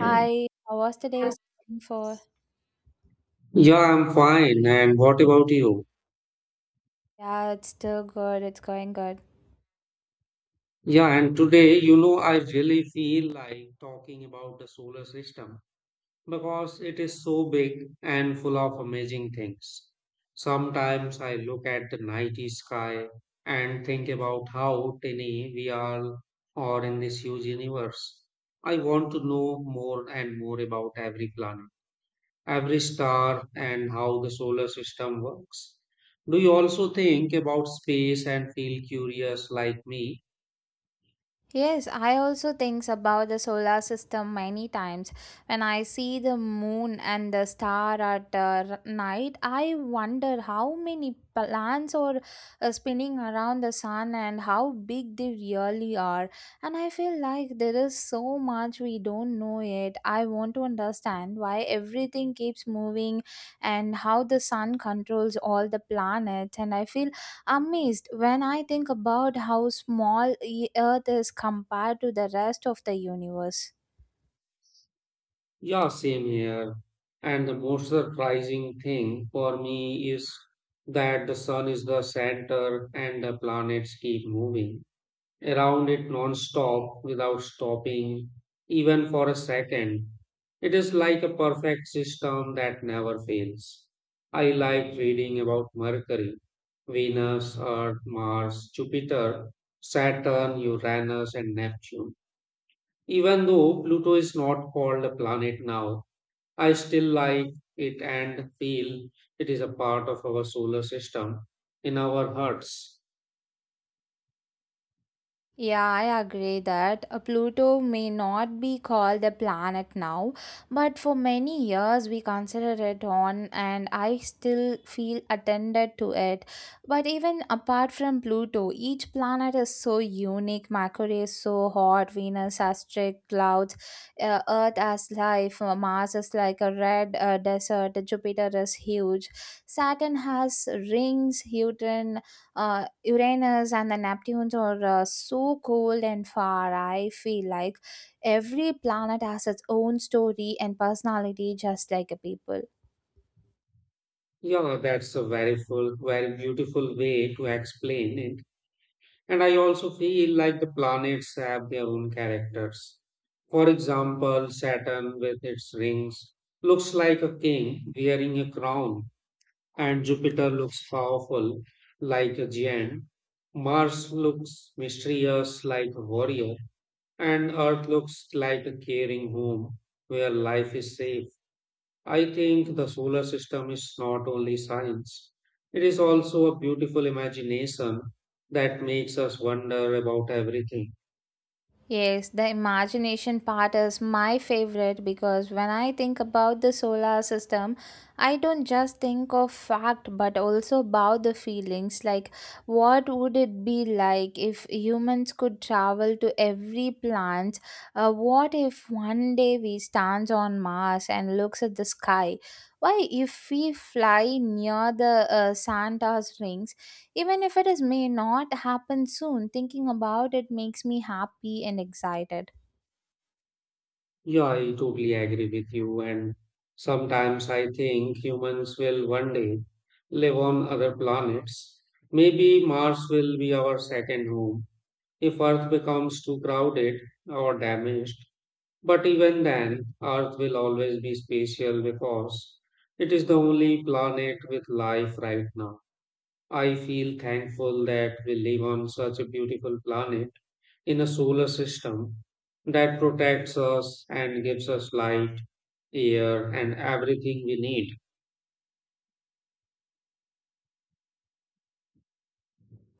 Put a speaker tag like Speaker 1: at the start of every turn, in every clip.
Speaker 1: Hi, how was the day going for?
Speaker 2: Yeah, I'm fine. And what about you?
Speaker 1: Yeah, it's still good. It's going good.
Speaker 2: Yeah, and today, you know, I really feel like talking about the solar system because it is so big and full of amazing things. Sometimes I look at the nighty sky and think about how tiny we are or in this huge universe. I want to know more and more about every planet, every star and how the solar system works. Do you also think about space and feel curious like me?
Speaker 1: Yes, I also think about the solar system many times. When I see the moon and the star at night, I wonder how many planets are spinning around the sun and how big they really are. And I feel like there is so much we don't know yet. I want to understand why everything keeps moving and how the sun controls all the planets. And I feel amazed when I think about how small Earth is compared to the rest of the universe.
Speaker 2: Yeah, same here. And the most surprising thing for me is that the sun is the center and the planets keep moving around it non-stop without stopping even for a second. It is like a perfect system that never fails. I like reading about Mercury, Venus, Earth, Mars, Jupiter, Saturn, Uranus, and Neptune. Even though Pluto is not called a planet now, I still like it and feel it is a part of our solar system in our hearts.
Speaker 1: Yeah, I agree that a Pluto may not be called a planet now, but for many years we considered it one, and I still feel attended to it. But even apart from Pluto, each planet is so unique. Mercury is so hot, Venus has strict clouds, Earth has life, Mars is like a red desert, Jupiter is huge, Saturn has rings, Saturn Uranus and the Neptunes are so cold and far. I feel like every planet has its own story and personality, just like a people.
Speaker 2: Yeah, that's a very full, very beautiful way to explain it. And I also feel like the planets have their own characters. For example, Saturn with its rings looks like a king wearing a crown, and Jupiter looks powerful like a giant. Mars looks mysterious like a warrior, and Earth looks like a caring home where life is safe. I think the solar system is not only science, it is also a beautiful imagination that makes us wonder about everything.
Speaker 1: Yes, the imagination part is my favorite because when I think about the solar system, I don't just think of fact but also about the feelings like what would it be like if humans could travel to every planet? What if one day we stands on Mars and looks at the sky? Why if we fly near the Santa's rings even if it is may not happen soon, thinking about it makes me happy and excited.
Speaker 2: Yeah, I totally agree with you. And sometimes I think humans will one day live on other planets. Maybe Mars will be our second home if Earth becomes too crowded or damaged. But even then, Earth will always be special because it is the only planet with life right now. I feel thankful that we live on such a beautiful planet in a solar system that protects us and gives us light, air, and everything we need.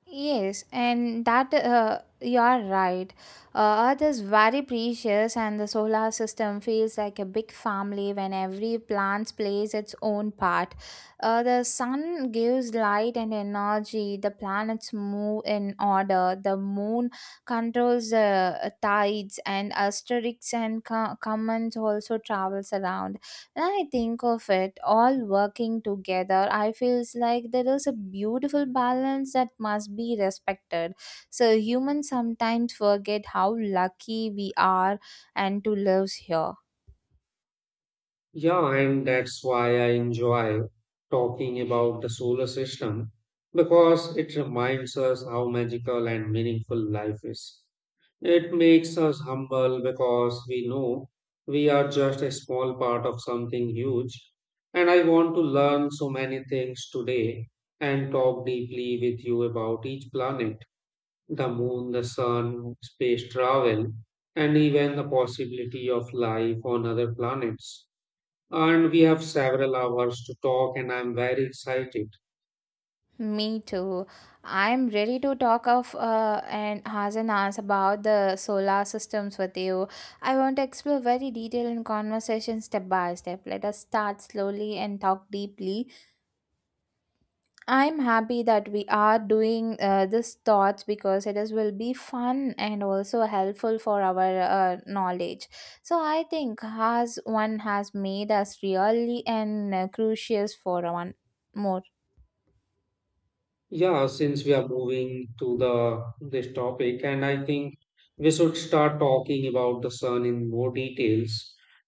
Speaker 1: Yes, and that you are right. Earth is very precious, and the solar system feels like a big family when every plant plays its own part. The sun gives light and energy, the planets move in order, the moon controls the tides, and asterisks and commands also travels around. When I think of it all working together, I feels like there is a beautiful balance that must be respected. So humans sometimes forget how lucky we are and to live here.
Speaker 2: Yeah, and that's why I enjoy talking about the solar system because it reminds us how magical and meaningful life is. It makes us humble because we know we are just a small part of something huge. And I want to learn so many things today and talk deeply with you about each planet, the moon, the sun, space travel, and even the possibility of life on other planets. And we have several hours to talk, and I'm very excited.
Speaker 1: Me too. I'm ready to talk of and has about the solar systems with you. I want to explore very detailed in conversation step by step. Let us start slowly and talk deeply. I'm happy that we are doing this thoughts because it is will be fun and also helpful for our knowledge. So I think has one has made us really and crucial for one more.
Speaker 2: Yeah, since we are moving to the this topic, and I think we should start talking about the sun in more details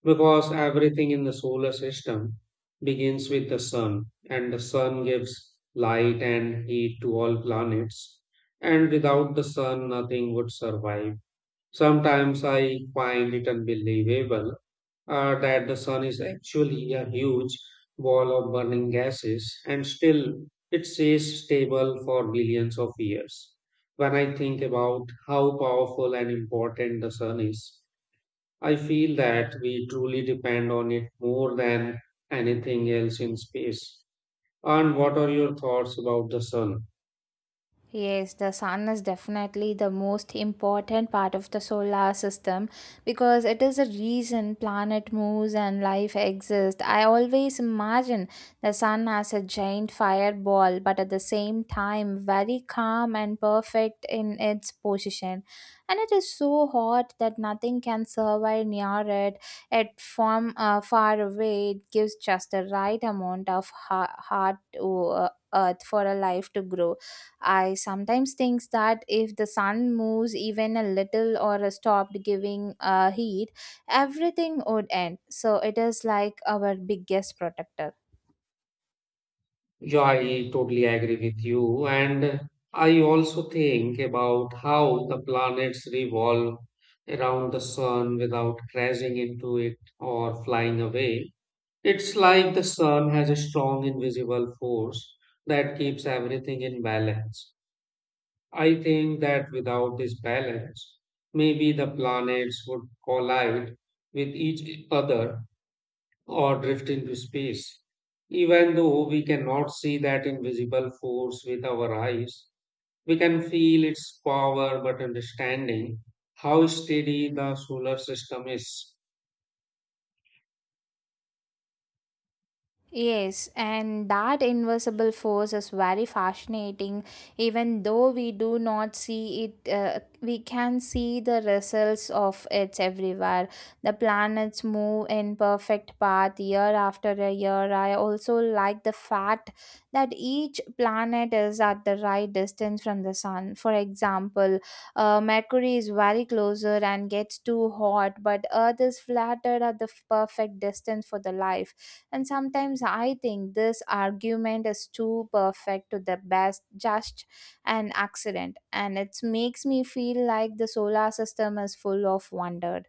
Speaker 2: because everything in the solar system begins with the sun, and the sun gives light and heat to all planets. And without the sun, nothing would survive. Sometimes I find it unbelievable that the sun is actually a huge ball of burning gases, and still it stays stable for billions of years. When I think about how powerful and important the sun is, I feel that we truly depend on it more than anything else in space. And what are your thoughts about the sun?
Speaker 1: Yes, the sun is definitely the most important part of the solar system because it is the reason planet moves and life exists. I always imagine the sun as a giant fireball, but at the same time, very calm and perfect in its position. And it is so hot that nothing can survive near it. It from far away, it gives just the right amount of heart to earth for a life to grow. I sometimes think that if the sun moves even a little or stopped giving heat, everything would end. So it is like our biggest protector.
Speaker 2: Yeah, I totally agree with you. And I also think about how the planets revolve around the sun without crashing into it or flying away. It's like the sun has a strong invisible force that keeps everything in balance. I think that without this balance, maybe the planets would collide with each other or drift into space. Even though we cannot see that invisible force with our eyes, we can feel its power but understanding how steady the solar system is.
Speaker 1: Yes, and that invisible force is very fascinating. Even though we do not see it, we can see the results of it everywhere. The planets move in perfect path year after a year. I also like the fact that each planet is at the right distance from the sun. For example, Mercury is very closer and gets too hot, but Earth is flattered at the perfect distance for the life, and sometimes I think this argument is too perfect to the best, just an accident. And it makes me feel like the solar system is full of wonder.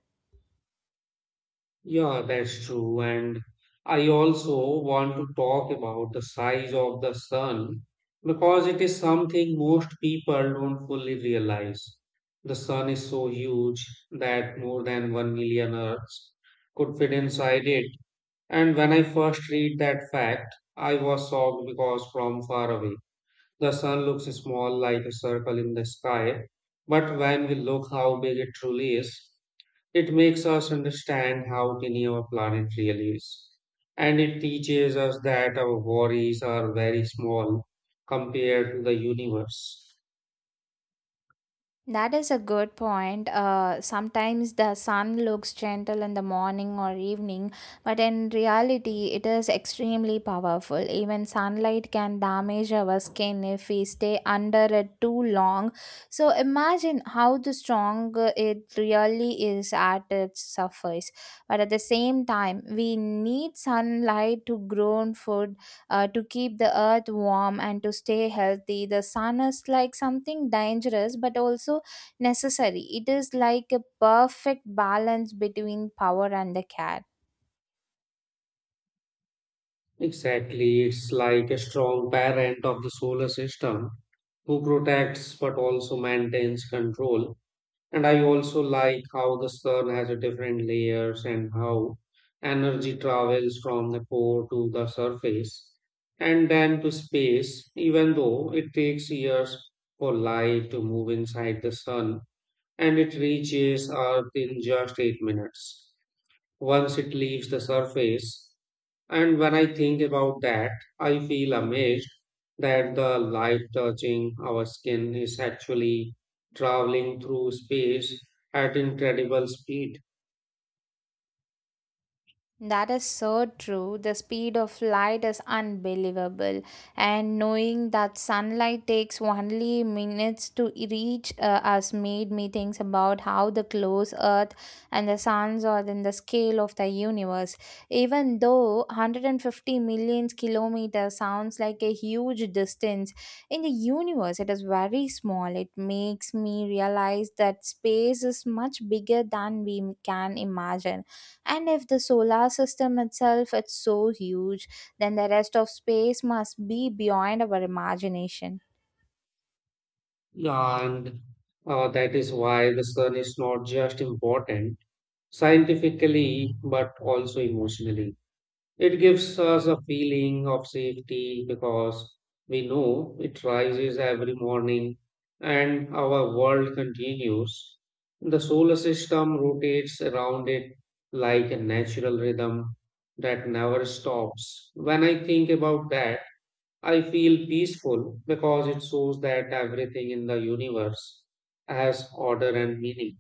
Speaker 2: Yeah, that's true. And I also want to talk about the size of the sun because it is something most people don't fully realize. The sun is so huge that more than 1 million Earths could fit inside it. And when I first read that fact, I was shocked because from far away, the sun looks small like a circle in the sky. But when we look how big it truly is, it makes us understand how tiny our planet really is. And it teaches us that our worries are very small compared to the universe.
Speaker 1: That is a good point. Sometimes the sun looks gentle in the morning or evening, but in reality, it is extremely powerful. Even sunlight can damage our skin if we stay under it too long. So imagine how the strong it really is at its surface. But at the same time, we need sunlight to grow food, to keep the earth warm and to stay healthy. The sun is like something dangerous but also necessary. It is like a perfect balance between power and the care.
Speaker 2: Exactly, it's like a strong parent of the solar system who protects but also maintains control. And I also like how the sun has a different layers and how energy travels from the core to the surface and then to space, even though it takes years for light to move inside the sun and it reaches Earth in just 8 minutes once it leaves the surface. And when I think about that, I feel amazed that the light touching our skin is actually traveling through space at incredible speed.
Speaker 1: That is so true. The speed of light is unbelievable. And knowing that sunlight takes only minutes to reach us made me think about how the close Earth and the suns are in the scale of the universe. Even though 150 million kilometers sounds like a huge distance, in the universe it is very small. It makes me realize that space is much bigger than we can imagine, and if the solar system itself is so huge, then the rest of space must be beyond our imagination.
Speaker 2: Yeah, and that is why the sun is not just important scientifically but also emotionally. It gives us a feeling of safety because we know it rises every morning and our world continues. The solar system rotates around it like a natural rhythm that never stops. When I think about that, I feel peaceful because it shows that everything in the universe has order and meaning.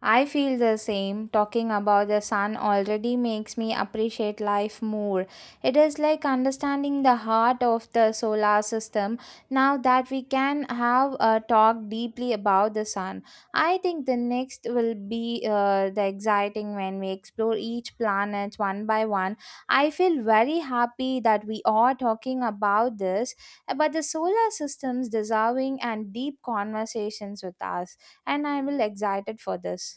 Speaker 1: I feel the same. Talking about the sun already makes me appreciate life more. It is like understanding the heart of the solar system. Now that we can have a talk deeply about the sun, I think the next will be the exciting when we explore each planet one by one. I feel very happy that we are talking about this, about the solar system's deserving and deep conversations with us, and I will excited for this.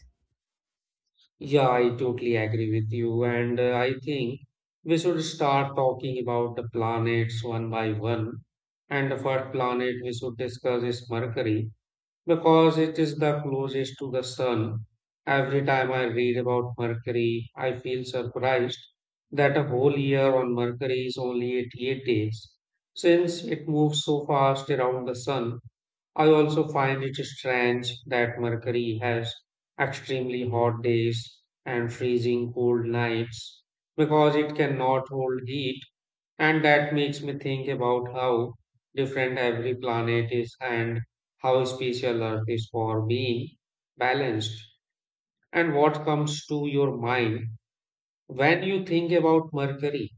Speaker 2: Yeah, I totally agree with you. And I think we should start talking about the planets one by one. And the first planet we should discuss is Mercury because it is the closest to the sun. Every time I read about Mercury, I feel surprised that a whole year on Mercury is only 88 days since it moves so fast around the sun. I also find it strange that Mercury has extremely hot days and freezing cold nights because it cannot hold heat, and that makes me think about how different every planet is and how special Earth is for being balanced. And what comes to your mind when you think about Mercury?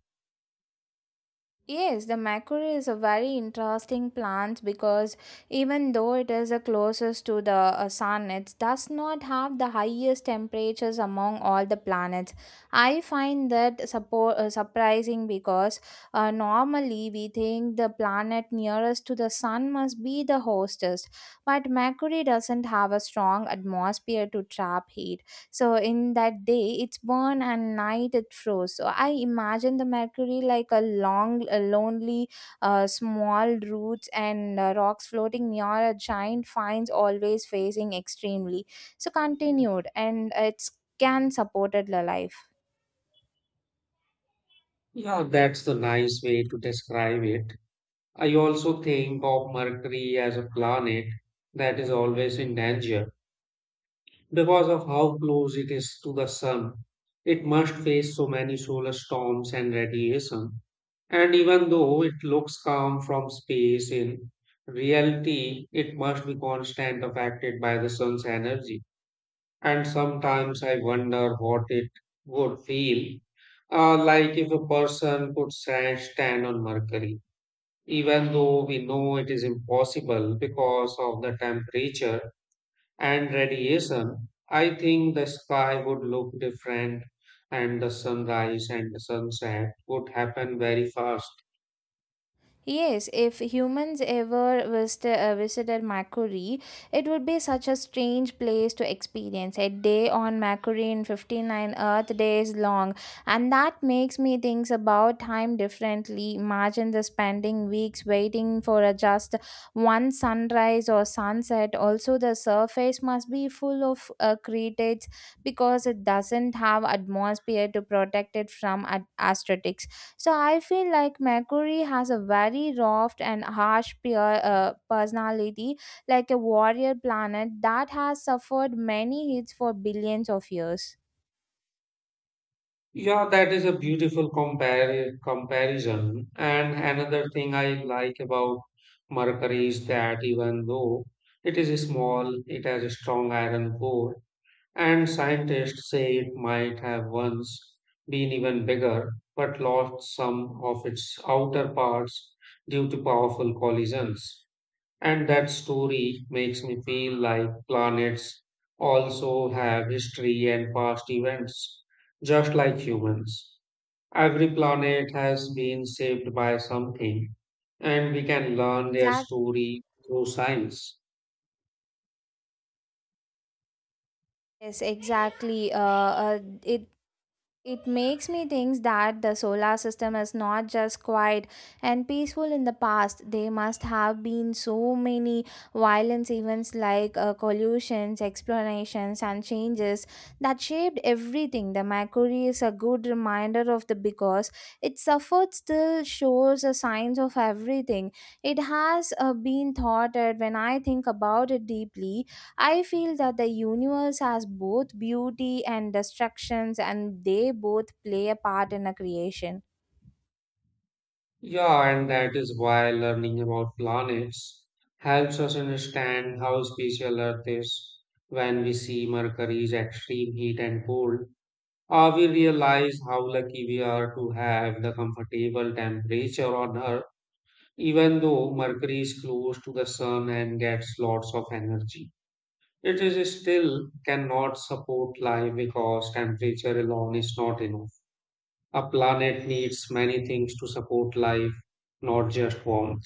Speaker 1: Yes, the macquarie is a very interesting plant because even though it is the closest to the sun, it does not have the highest temperatures among all the planets. I find that surprising because normally we think the planet nearest to the sun must be the hostess, but Mercury doesn't have a strong atmosphere to trap heat, so in that day it's born and night it froze. So I imagine the mercury like a long a lonely small roots and rocks floating near a giant finds always facing extremely so continued and it's can supported the life.
Speaker 2: Yeah, that's the nice way to describe it. I also think of Mercury as a planet that is always in danger because of how close it is to the Sun. It must face so many solar storms and radiation. And even though it looks calm from space, in reality, it must be constant affected by the Sun's energy. And sometimes I wonder what it would feel like if a person could stand on Mercury. Even though we know it is impossible because of the temperature and radiation, I think the sky would look different and the sunrise and the sunset would happen very fast.
Speaker 1: Yes, if humans ever visited Mercury, it would be such a strange place to experience. A day on Mercury in 59 Earth days long, and that makes me think about time differently. Imagine the spending weeks waiting for a just one sunrise or sunset. Also, the surface must be full of craters because it doesn't have atmosphere to protect it from asteroids. So I feel like Mercury has a very rough and harsh personality, like a warrior planet that has suffered many hits for billions of years.
Speaker 2: Yeah, that is a beautiful comparison. And another thing I like about Mercury is that even though it is small, it has a strong iron core. And scientists say it might have once been even bigger, but lost some of its outer parts due to powerful collisions. And that story makes me feel like planets also have history and past events, just like humans. Every planet has been shaped by something, and we can learn their
Speaker 1: Exact-
Speaker 2: story through science.
Speaker 1: Yes, exactly. It makes me think that the solar system is not just quiet and peaceful in the past. There must have been so many violent events like collisions, explanations, and changes that shaped everything. The Mercury is a good reminder of the because it suffered still shows a signs of everything. It has been thoughted. When I think about it deeply, I feel that the universe has both beauty and destructions, and they both play a part in a creation.
Speaker 2: Yeah, and that is why learning about planets helps us understand how special Earth is. When we see Mercury's extreme heat and cold, we realize how lucky we are to have the comfortable temperature on Earth. Even though Mercury is close to the sun and gets lots of energy, it is still cannot support life because temperature alone is not enough. A planet needs many things to support life, not just warmth.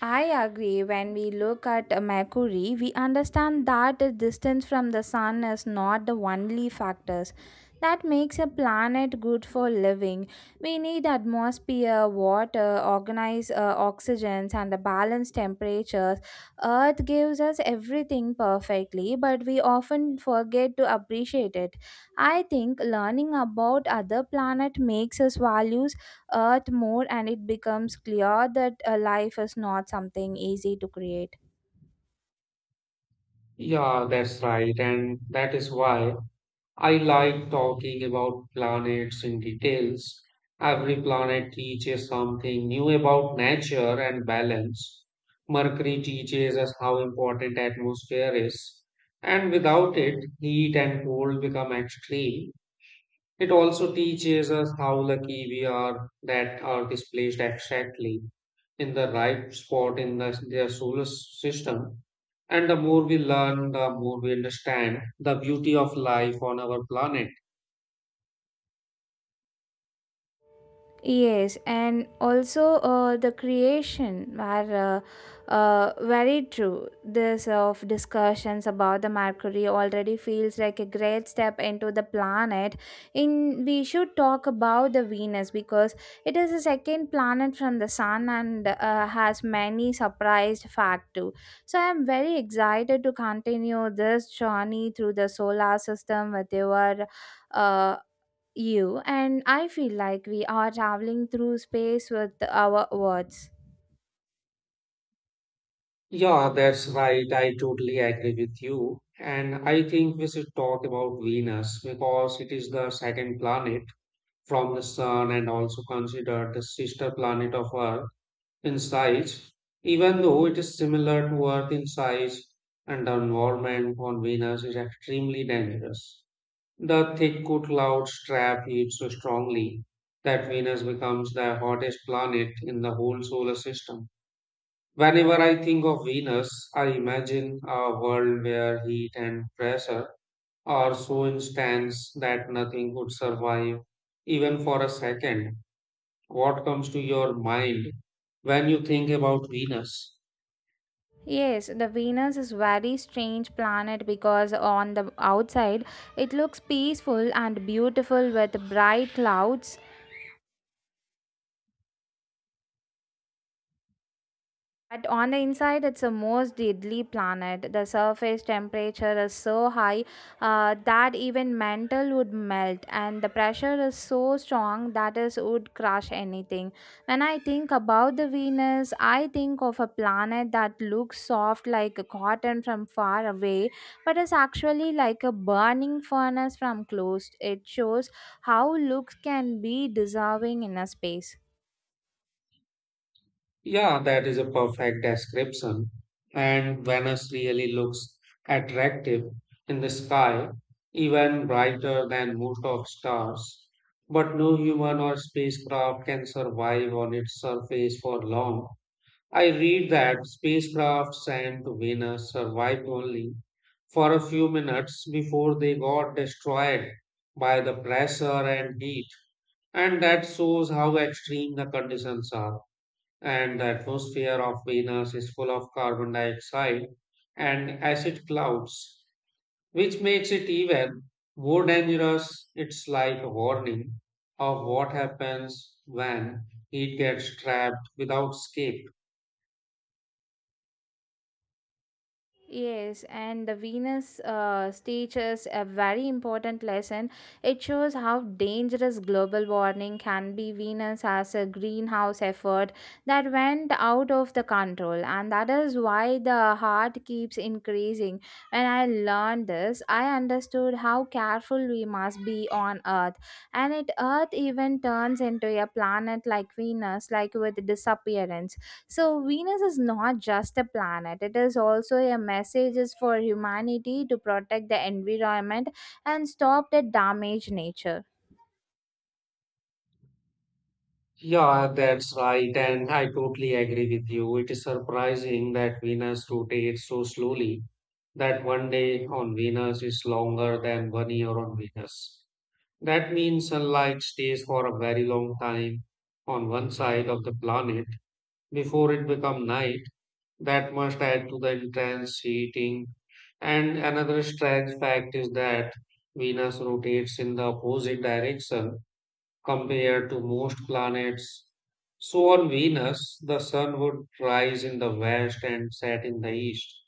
Speaker 1: I agree. When we look at Mercury, we understand that the distance from the sun is not the only factors that makes a planet good for living. We need atmosphere, water, organized oxygens, and the balanced temperatures. Earth gives us everything perfectly, but we often forget to appreciate it. I think learning about other planet makes us value earth more, and it becomes clear that life is not something easy to create.
Speaker 2: Yeah, that's right. And that is why I like talking about planets in details. Every planet teaches something new about nature and balance. Mercury teaches us how important atmosphere is, and without it, heat and cold become extreme. It also teaches us how lucky we are that Earth is placed exactly in the right spot in the, their solar system. And the more we learn, the more we understand the beauty of life on our planet.
Speaker 1: Yes, and also the creation are very true. This of discussions about the Mercury already feels like a great step into the planet. In we should talk about the Venus because it is the second planet from the Sun and has many surprised fact too. So I am very excited to continue this journey through the solar system with uh, you, and I feel like we are traveling through space with our words.
Speaker 2: Yeah, that's right. I totally agree with you. And I think we should talk about Venus because it is the second planet from the Sun and also considered the sister planet of Earth in size. Even though it is similar to Earth in size, and the environment on Venus is extremely dangerous. The thick cool cloud trap heats so strongly that Venus becomes the hottest planet in the whole solar system. Whenever I think of Venus, I imagine a world where heat and pressure are so intense that nothing could survive even for a second. What comes to your mind when you think about Venus?
Speaker 1: Yes, the Venus is very strange planet because on the outside it looks peaceful and beautiful with bright clouds. But on the inside, it's a most deadly planet. The surface temperature is so high, that even metal would melt, and the pressure is so strong that it would crush anything. When I think about the Venus, I think of a planet that looks soft like a cotton from far away, but is actually like a burning furnace from close. It shows how looks can be dissolving in a space.
Speaker 2: Yeah, that is a perfect description. And Venus really looks attractive in the sky, even brighter than most of stars. But no human or spacecraft can survive on its surface for long. I read that spacecraft sent to Venus survived only for a few minutes before they got destroyed by the pressure and heat. And that shows how extreme the conditions are, and the atmosphere of Venus is full of carbon dioxide and acid clouds, which makes it even more dangerous. It's like a warning of what happens when it gets trapped without escape.
Speaker 1: Yes, and the Venus teaches a very important lesson. It shows how dangerous global warming can be. Venus as a greenhouse effort that went out of the control, and that is why the heart keeps increasing. When I learned this, I understood how careful we must be on Earth, and it Earth even turns into a planet like Venus, like with disappearance. So Venus is not just a planet, it is also a message is for humanity to protect the environment and stop the damaged nature.
Speaker 2: Yeah, that's right, and I totally agree with you. It is surprising that Venus rotates so slowly that one day on Venus is longer than one year on Venus. That means sunlight stays for a very long time on one side of the planet before it becomes night. That must add to the intense heating. And another strange fact is that Venus rotates in the opposite direction compared to most planets. So on Venus, the sun would rise in the west and set in the east.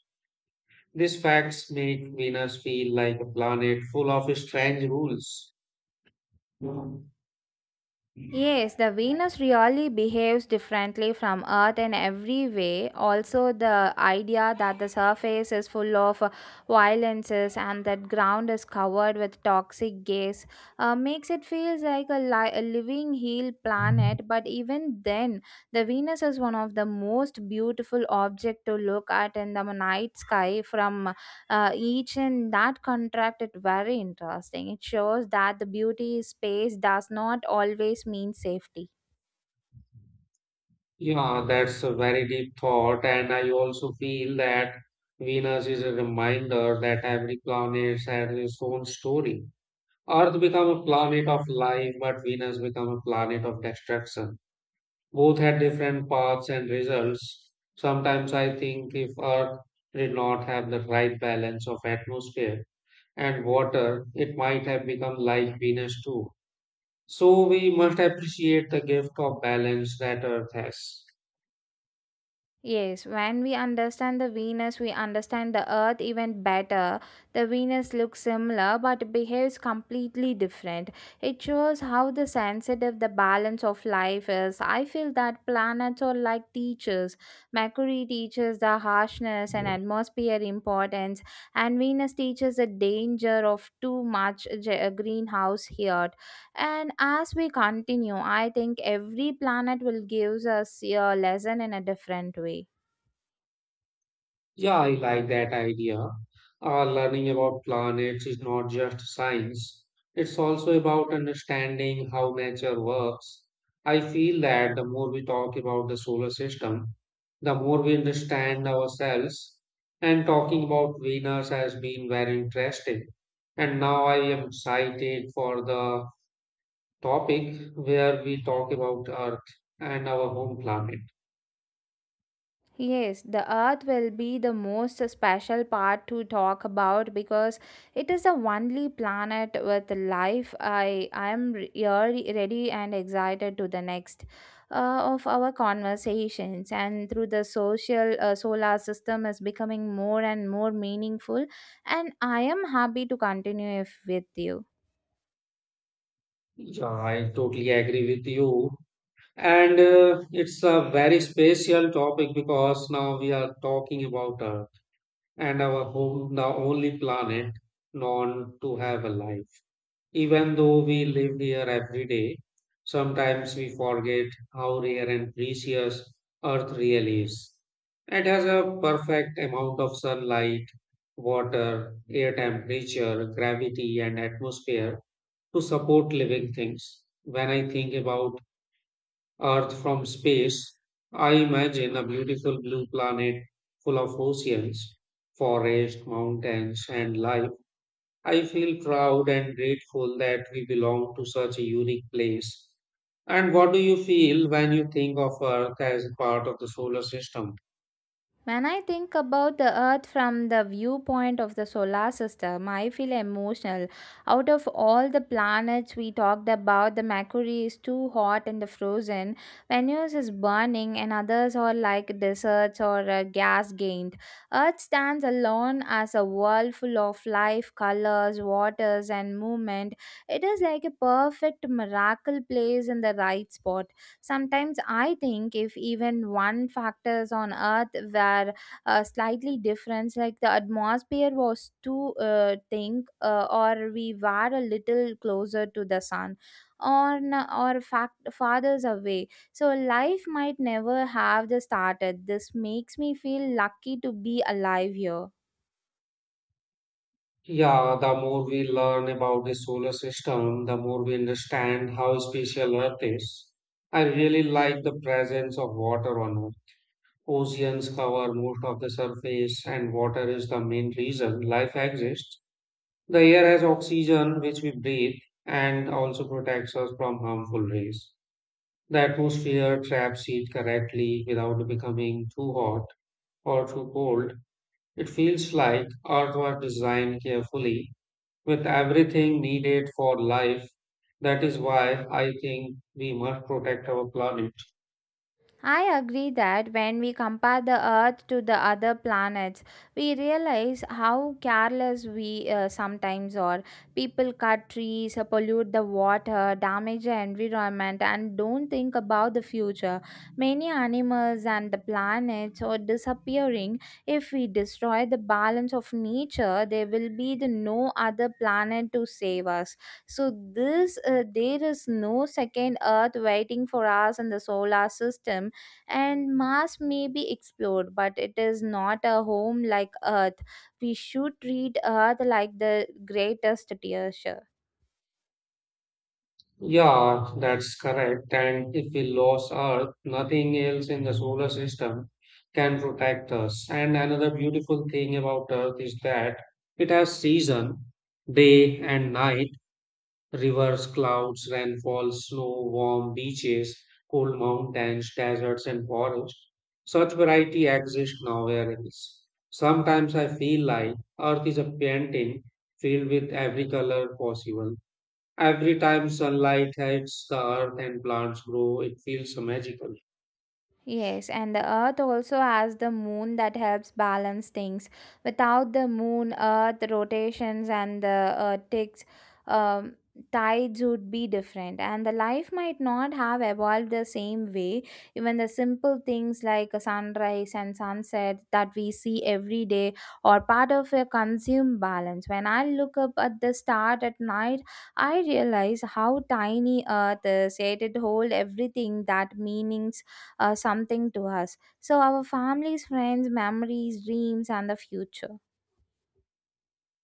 Speaker 2: These facts make Venus feel like a planet full of strange rules.
Speaker 1: Yes, the Venus really behaves differently from Earth in every way. Also, the idea that the surface is full of violences and that ground is covered with toxic gas makes it feels like a, a living hell planet. But even then, the Venus is one of the most beautiful objects to look at in the night sky from each in that contract it very interesting it shows that the beauty space does not always mean safety.
Speaker 2: Yeah, that's a very deep thought, and I also feel that Venus is a reminder that every planet has its own story. Earth become a planet of life, but Venus become a planet of destruction. Both had different paths and results. Sometimes I think if Earth did not have the right balance of atmosphere and water, it might have become like Venus too. So we must appreciate the gift of balance that Earth has.
Speaker 1: Yes, when we understand the Venus, we understand the Earth even better. The Venus looks similar but behaves completely different. It shows how the sensitive the balance of life is. I feel that planets are like teachers. Mercury teaches the harshness and atmosphere importance, and Venus teaches the danger of too much greenhouse heat. And as we continue, I think every planet will give us a lesson in a different way.
Speaker 2: Yeah, I like that idea. Learning about planets is not just science, it's also about understanding how nature works. I feel that the more we talk about the solar system, the more we understand ourselves. And talking about Venus has been very interesting. And now I am excited for the topic where we talk about Earth and our home planet.
Speaker 1: Yes, the earth will be the most special part to talk about because it is the only planet with life. I am ready and excited to the next of our conversations and through the social solar system is becoming more and more meaningful and I am happy to continue if with you.
Speaker 2: Yeah, I totally agree with you. And it's a very special topic because now we are talking about Earth and our home, the only planet known to have a life. Even though we live here every day, sometimes we forget how rare and precious Earth really is. It has a perfect amount of sunlight, water, air temperature, gravity, and atmosphere to support living things. When I think about Earth from space, I imagine a beautiful blue planet full of oceans, forests, mountains, and life. I feel proud and grateful that we belong to such a unique place. And what do you feel when you think of Earth as a part of the solar system?
Speaker 1: When I think about the Earth from the viewpoint of the solar system, I feel emotional. Out of all the planets we talked about, the Mercury is too hot and the frozen. Venus is burning, and others are like deserts or gas gained. Earth stands alone as a world full of life, colors, waters, and movement. It is like a perfect miracle place in the right spot. Sometimes I think if even one factors on Earth were slightly different, like the atmosphere was too thick, or we were a little closer to the sun, or n- or fact farther away, so life might never have the started. This makes me feel lucky to be alive here.
Speaker 2: Yeah, the more we learn about the solar system, the more we understand how special Earth is. I really like the presence of water on Earth. Oceans cover most of the surface, and water is the main reason life exists. The air has oxygen, which we breathe, and also protects us from harmful rays. The atmosphere traps heat correctly without becoming too hot or too cold. It feels like Earth was designed carefully with everything needed for life. That is why I think we must protect our planet.
Speaker 1: I agree that when we compare the Earth to the other planets, we realize how careless we sometimes are. People cut trees, pollute the water, damage the environment, and don't think about the future. Many animals and the planets are disappearing. If we destroy the balance of nature, there will be the no other planet to save us. So this, there is no second Earth waiting for us in the solar system and Mars may be explored, but it is not a home like Earth. We should treat Earth like the greatest treasure.
Speaker 2: Yeah, that's correct. And if we lose Earth, nothing else in the solar system can protect us. And another beautiful thing about Earth is that it has season, day and night, rivers, clouds, rainfall, snow, warm beaches, cold mountains, deserts, and forests. Such variety exists nowhere else. Sometimes I feel like Earth is a painting filled with every color possible. Every time sunlight hits the earth and plants grow, it feels so magical.
Speaker 1: Yes, and the earth also has the moon that helps balance things. Without the moon, earth rotations and the ticks, um, tides would be different, and the life might not have evolved the same way. Even the simple things like a sunrise and sunset that we see every day are part of a consume balance. When I look up at the star at night, I realize how tiny earth is, yet it holds everything that meanings something to us. So, our families, friends, memories, dreams, and the future.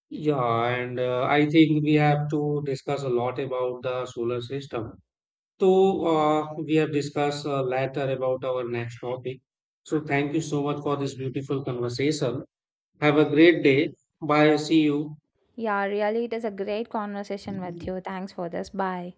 Speaker 2: Yeah, and I think we have to discuss a lot about the solar system. So we have discussed later about our next topic. So thank you so much for this beautiful conversation. Have a great day. Bye. See you.
Speaker 1: Yeah, really, it is a great conversation with you. Thanks for this. Bye.